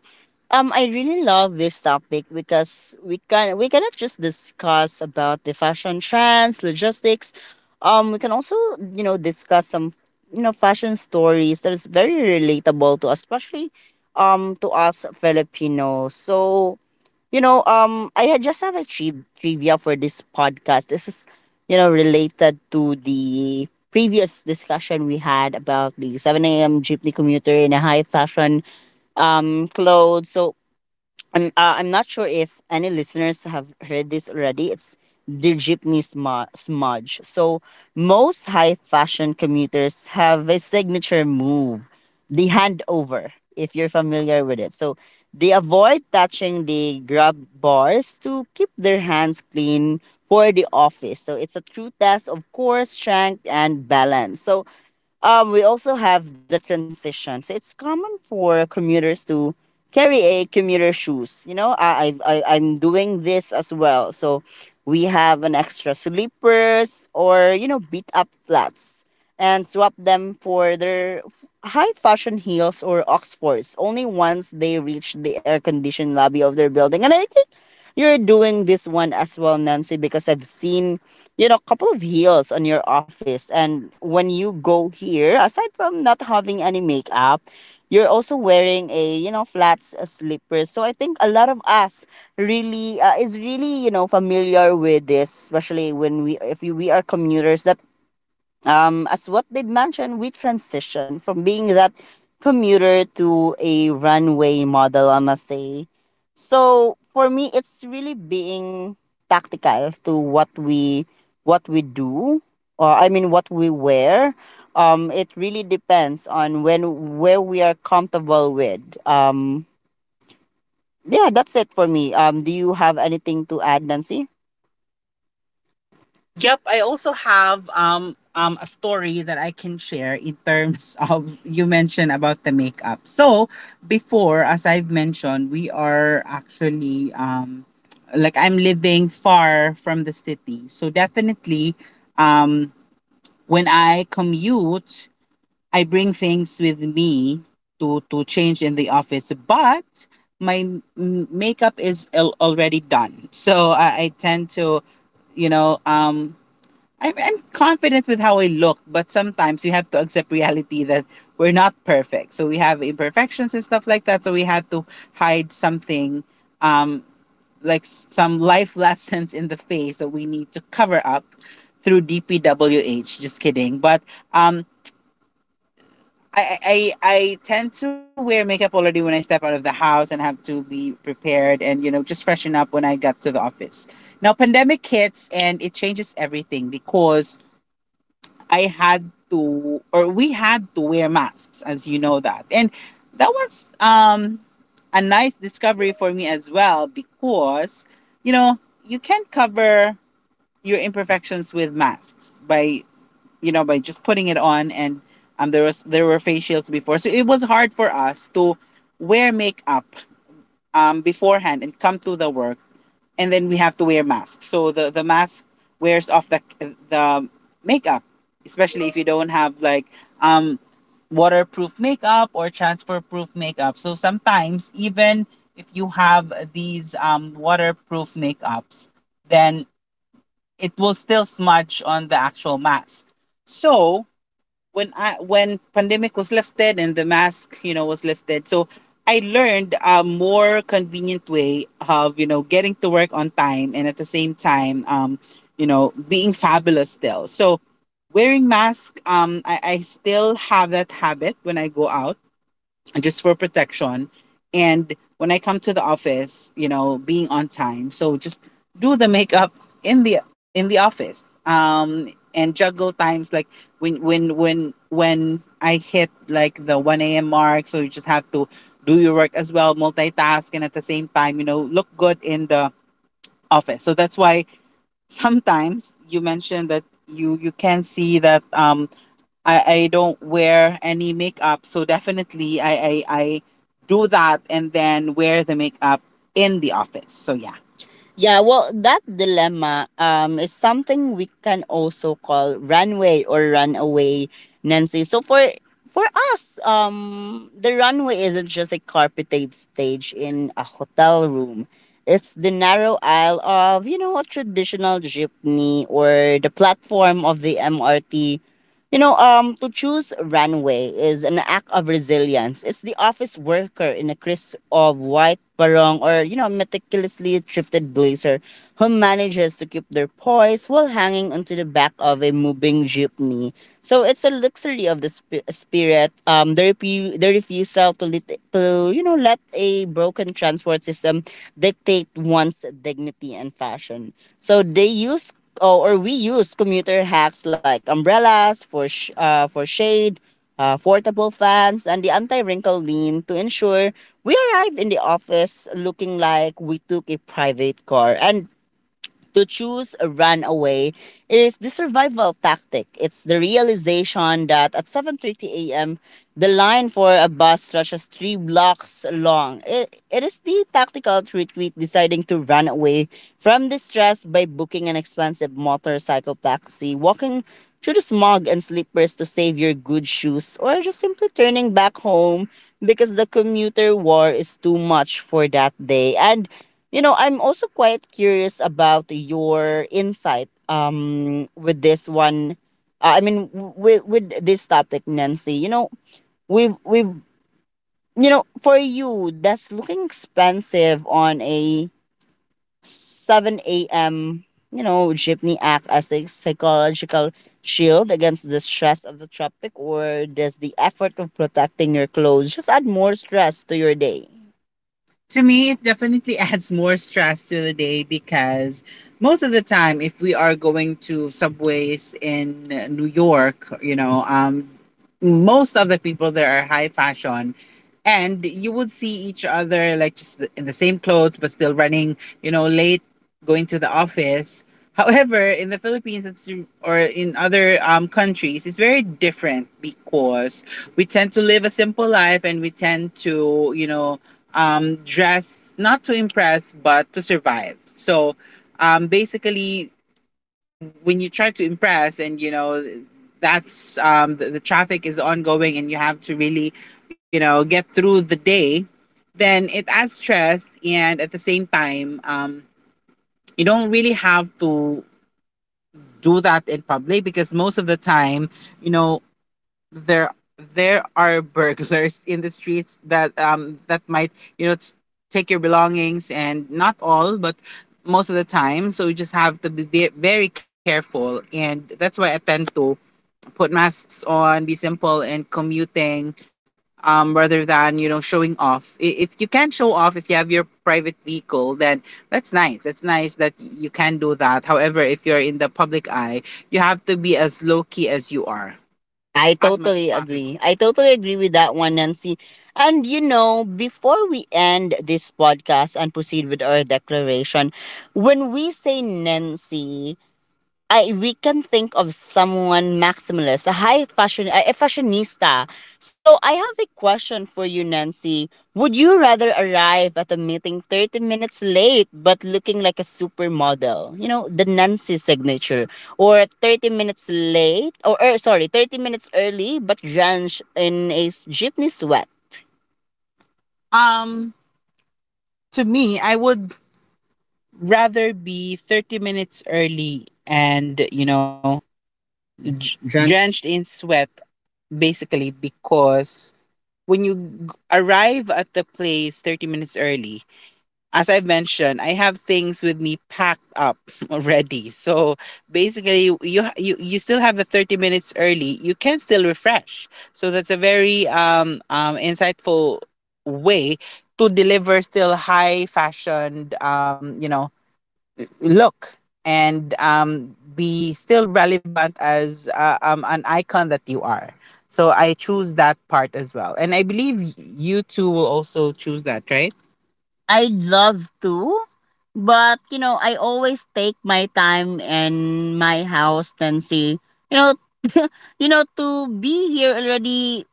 um, I really love this topic because we cannot just discuss about the fashion trends, logistics. We can also discuss some fashion stories that is very relatable to us, especially to us Filipinos. So I had just have a trivia for this podcast. This is, you know, related to the previous discussion we had about the 7 a.m. jeepney commuter in a high fashion clothes. So I'm not sure if any listeners have heard this already. It's the jeepney smudge. So most high fashion commuters have a signature move, the handover, if you're familiar with it. So they avoid touching the grab bars to keep their hands clean for the office. So it's a true test of core strength and balance. So, we also have the transition. So it's common for commuters to carry a commuter shoes. You know, I, I've- I I'm doing this as well. So we have an extra sleepers, or you know, beat up flats and swap them for their high fashion heels or oxfords only once they reach the air conditioned lobby of their building. And I think you're doing this one as well, Nancy, because I've seen, you know, a couple of heels on your office. And when you go here, aside from not having any makeup, you're also wearing a, you know, flats, slippers. So I think a lot of us really, is really, you know, familiar with this, especially if we are commuters that, as what they've mentioned, we transition from being that commuter to a runway model, I must say. So for me, it's really being tactical to what we do, or I mean what we wear. It really depends on when where we are comfortable with. Yeah, that's it for me. Do you have anything to add, Nancy? Yep, I also have a story that I can share in terms of you mentioned about the makeup. So before, as I've mentioned, we are actually like I'm living far from the city. So definitely, um when I commute, I bring things with me to change in the office. But my makeup is already done. So I tend to, you know um I'm, confident with how I look. But sometimes we have to accept reality that we're not perfect. So we have imperfections and stuff like that. So we have to hide something, like some life lessons in the face that we need to cover up through DPWH. Just kidding. But um, I tend to wear makeup already when I step out of the house and have to be prepared and, you know, just freshen up when I got to the office. Now, pandemic hits and it changes everything because I had to, or we had to, wear masks, as you know that. And that was, a nice discovery for me as well because, you know, you can't cover your imperfections with masks by, you know, by just putting it on. And there was there were face shields before, so it was hard for us to wear makeup, beforehand, and come to the work, and then we have to wear masks. So the mask wears off the makeup, especially if you don't have like, um, waterproof makeup or transfer proof makeup. So sometimes even if you have these, waterproof makeups, then it will still smudge on the actual mask. So when pandemic was lifted and the mask, you know, was lifted. So I learned a more convenient way of, you know, getting to work on time and at the same time, you know, being fabulous still. So wearing mask, I still have that habit when I go out just for protection. And when I come to the office, you know, being on time. So just do the makeup in the office. And juggle times like when I hit like the one AM mark. So you just have to do your work as well, multitask, and at the same time, you know, look good in the office. So that's why sometimes you mentioned that you can see that, I don't wear any makeup. So definitely I do that and then wear the makeup in the office. So yeah. Yeah, well, that dilemma, is something we can also call runway or runaway, Nancy. So for us, the runway isn't just a carpeted stage in a hotel room. It's the narrow aisle of, you know, a traditional jeepney, or the platform of the MRT. You know, to choose runway is an act of resilience. It's the office worker in a crisp of white barong, or, you know, meticulously thrifted blazer, who manages to keep their poise while hanging onto the back of a moving jeepney. So it's a luxury of the spirit. The, the refusal to, to, you know, let a broken transport system dictate one's dignity and fashion. So they use, oh, or we use commuter hacks like umbrellas for for shade, portable fans, and the anti-wrinkle lean to ensure we arrive in the office looking like we took a private car. And to choose a away, is the survival tactic. It's the realization that at 7:30 a.m. the line for a bus stretches 3 blocks long. It is the tactical retreat, deciding to run away from the stress by booking an expensive motorcycle taxi, walking through the smog and slippers to save your good shoes, or just simply turning back home because the commuter war is too much for that day. And you know, I'm also quite curious about your insight with this one. I mean, with this topic, Nancy. You know, we've, you know, for you, that's looking expensive on a seven a.m., you know, jeepney act as a psychological shield against the stress of the tropic, or does the effort of protecting your clothes just add more stress to your day? To me, it definitely adds more stress to the day because most of the time, if we are going to subways in New York, most of the people there are high fashion and you would see each other like just in the same clothes but still running, late, going to the office. However, in the Philippines it's, or in other countries, it's very different because we tend to live a simple life and we tend to, dress not to impress but to survive. So, basically, when you try to impress and you know that's the traffic is ongoing and you have to really, get through the day, then it adds stress. And at the same time, you don't really have to do that in public because most of the time, you know, there there are burglars in the streets that, that might, you know t- take your belongings. And not all, but most of the time. So you just have to be very careful, and that's why I tend to put masks on, be simple and commuting, rather than, showing off. If you can show off, if you have your private vehicle, then that's nice. That's nice that you can do that. However, if you're in the public eye, you have to be as low key as you are, I as much as totally possible. Agree. I totally agree with that one, Nancy. And you know, before we end this podcast and proceed with our declaration, when we say Nancy, I we can think of someone maximalist, a high fashion, a fashionista. So I have a question for you, Nancy. Would you rather arrive at a meeting 30 minutes late but looking like a supermodel, you know, the Nancy signature, or 30 minutes late, or, sorry, 30 minutes early but drenched in a jeepney sweat? Um, to me, I would rather be 30 minutes early and, you know, drenched in sweat, basically, because when you arrive at the place 30 minutes early, as I've mentioned, I have things with me packed up already. So basically, you still have the 30 minutes early. You can still refresh. So that's a very insightful way to deliver still high fashioned, you know, look, and be still relevant as an icon that you are. So I choose that part as well. And I believe, you two will also choose that, right? I'd love to, but you know, I always take my time in my house and see, you know, to be here already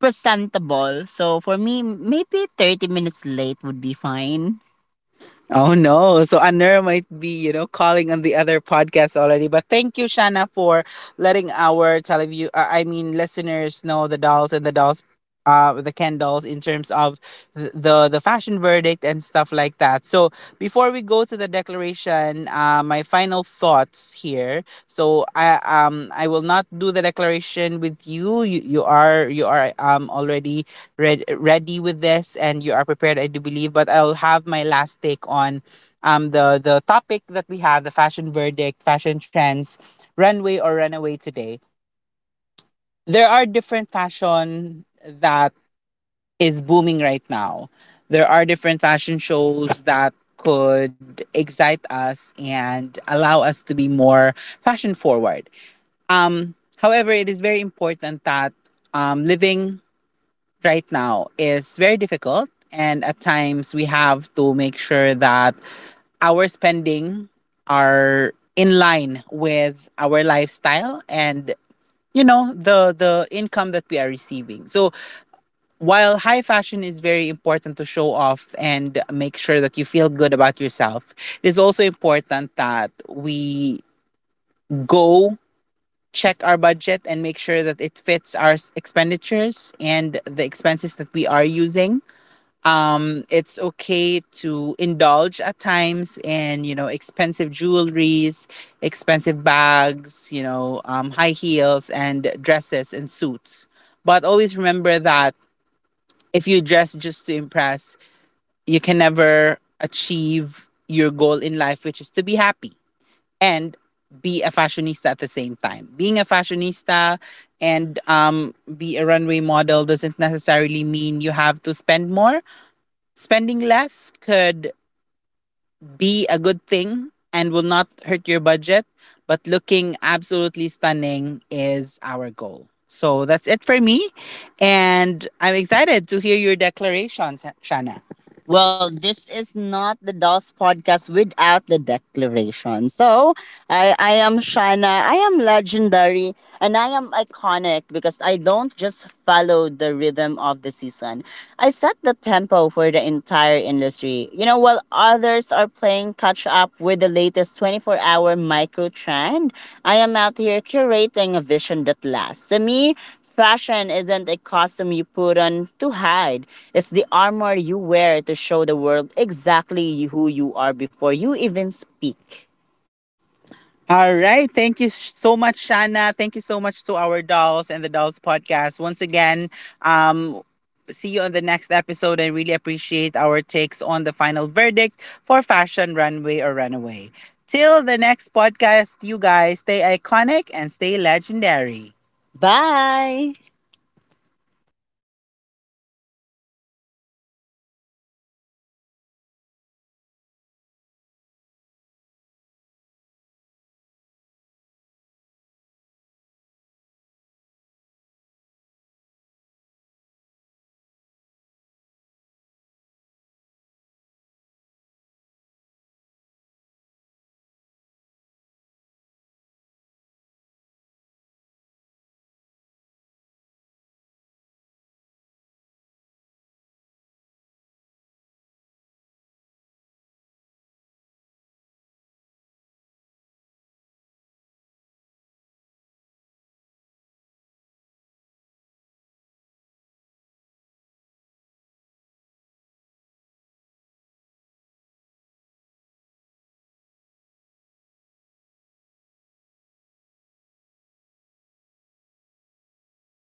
presentable. So for me, maybe 30 minutes late would be fine. Oh no. So Anur might be, you know, calling on the other podcast already. But thank you, Shana, for letting our teleview I mean listeners know, the dolls and the dolls, the Ken dolls, in terms of, the the fashion verdict and stuff like that. So before we go to the declaration, my final thoughts here. So I will not do the declaration with you. You are already Red ready with this, and you are prepared, I do believe. But I'll have my last take on, the topic that we have, the fashion verdict, fashion trends, runway or runaway today. There are different fashion that is booming right now. There are different fashion shows that could excite us and allow us to be more fashion forward. However, it is very important that, living right now is very difficult. And at times we have to make sure that our spending are in line with our lifestyle and, you know, the income that we are receiving. So while high fashion is very important to show off and make sure that you feel good about yourself, it is also important that we go check our budget and make sure that it fits our expenditures and the expenses that we are using. It's okay to indulge at times in, you know, expensive jewelries, expensive bags, you know, high heels and dresses and suits, but always remember that if you dress just to impress, you can never achieve your goal in life, which is to be happy and be a fashionista. At the same time, being a fashionista and, be a runway model, doesn't necessarily mean you have to spend more. Spending less could be a good thing and will not hurt your budget, but looking absolutely stunning is our goal. So that's it for me. And I'm excited to hear your declarations, Shana. Well, this is not the DOS podcast without the declaration. So, I am Shana. I am legendary and I am iconic because I don't just follow the rhythm of the season. I set the tempo for the entire industry. You know, while others are playing catch up with the latest 24-hour micro trend, I am out here curating a vision that lasts. To me, fashion isn't a costume you put on to hide. It's the armor you wear to show the world exactly who you are before you even speak. All right. Thank you so much, Shana. Thank you so much to our dolls and the dolls podcast. Once again, um, see you on the next episode and really appreciate our takes on the final verdict for fashion runway or runaway. Till the next podcast, you guys stay iconic and stay legendary. Bye!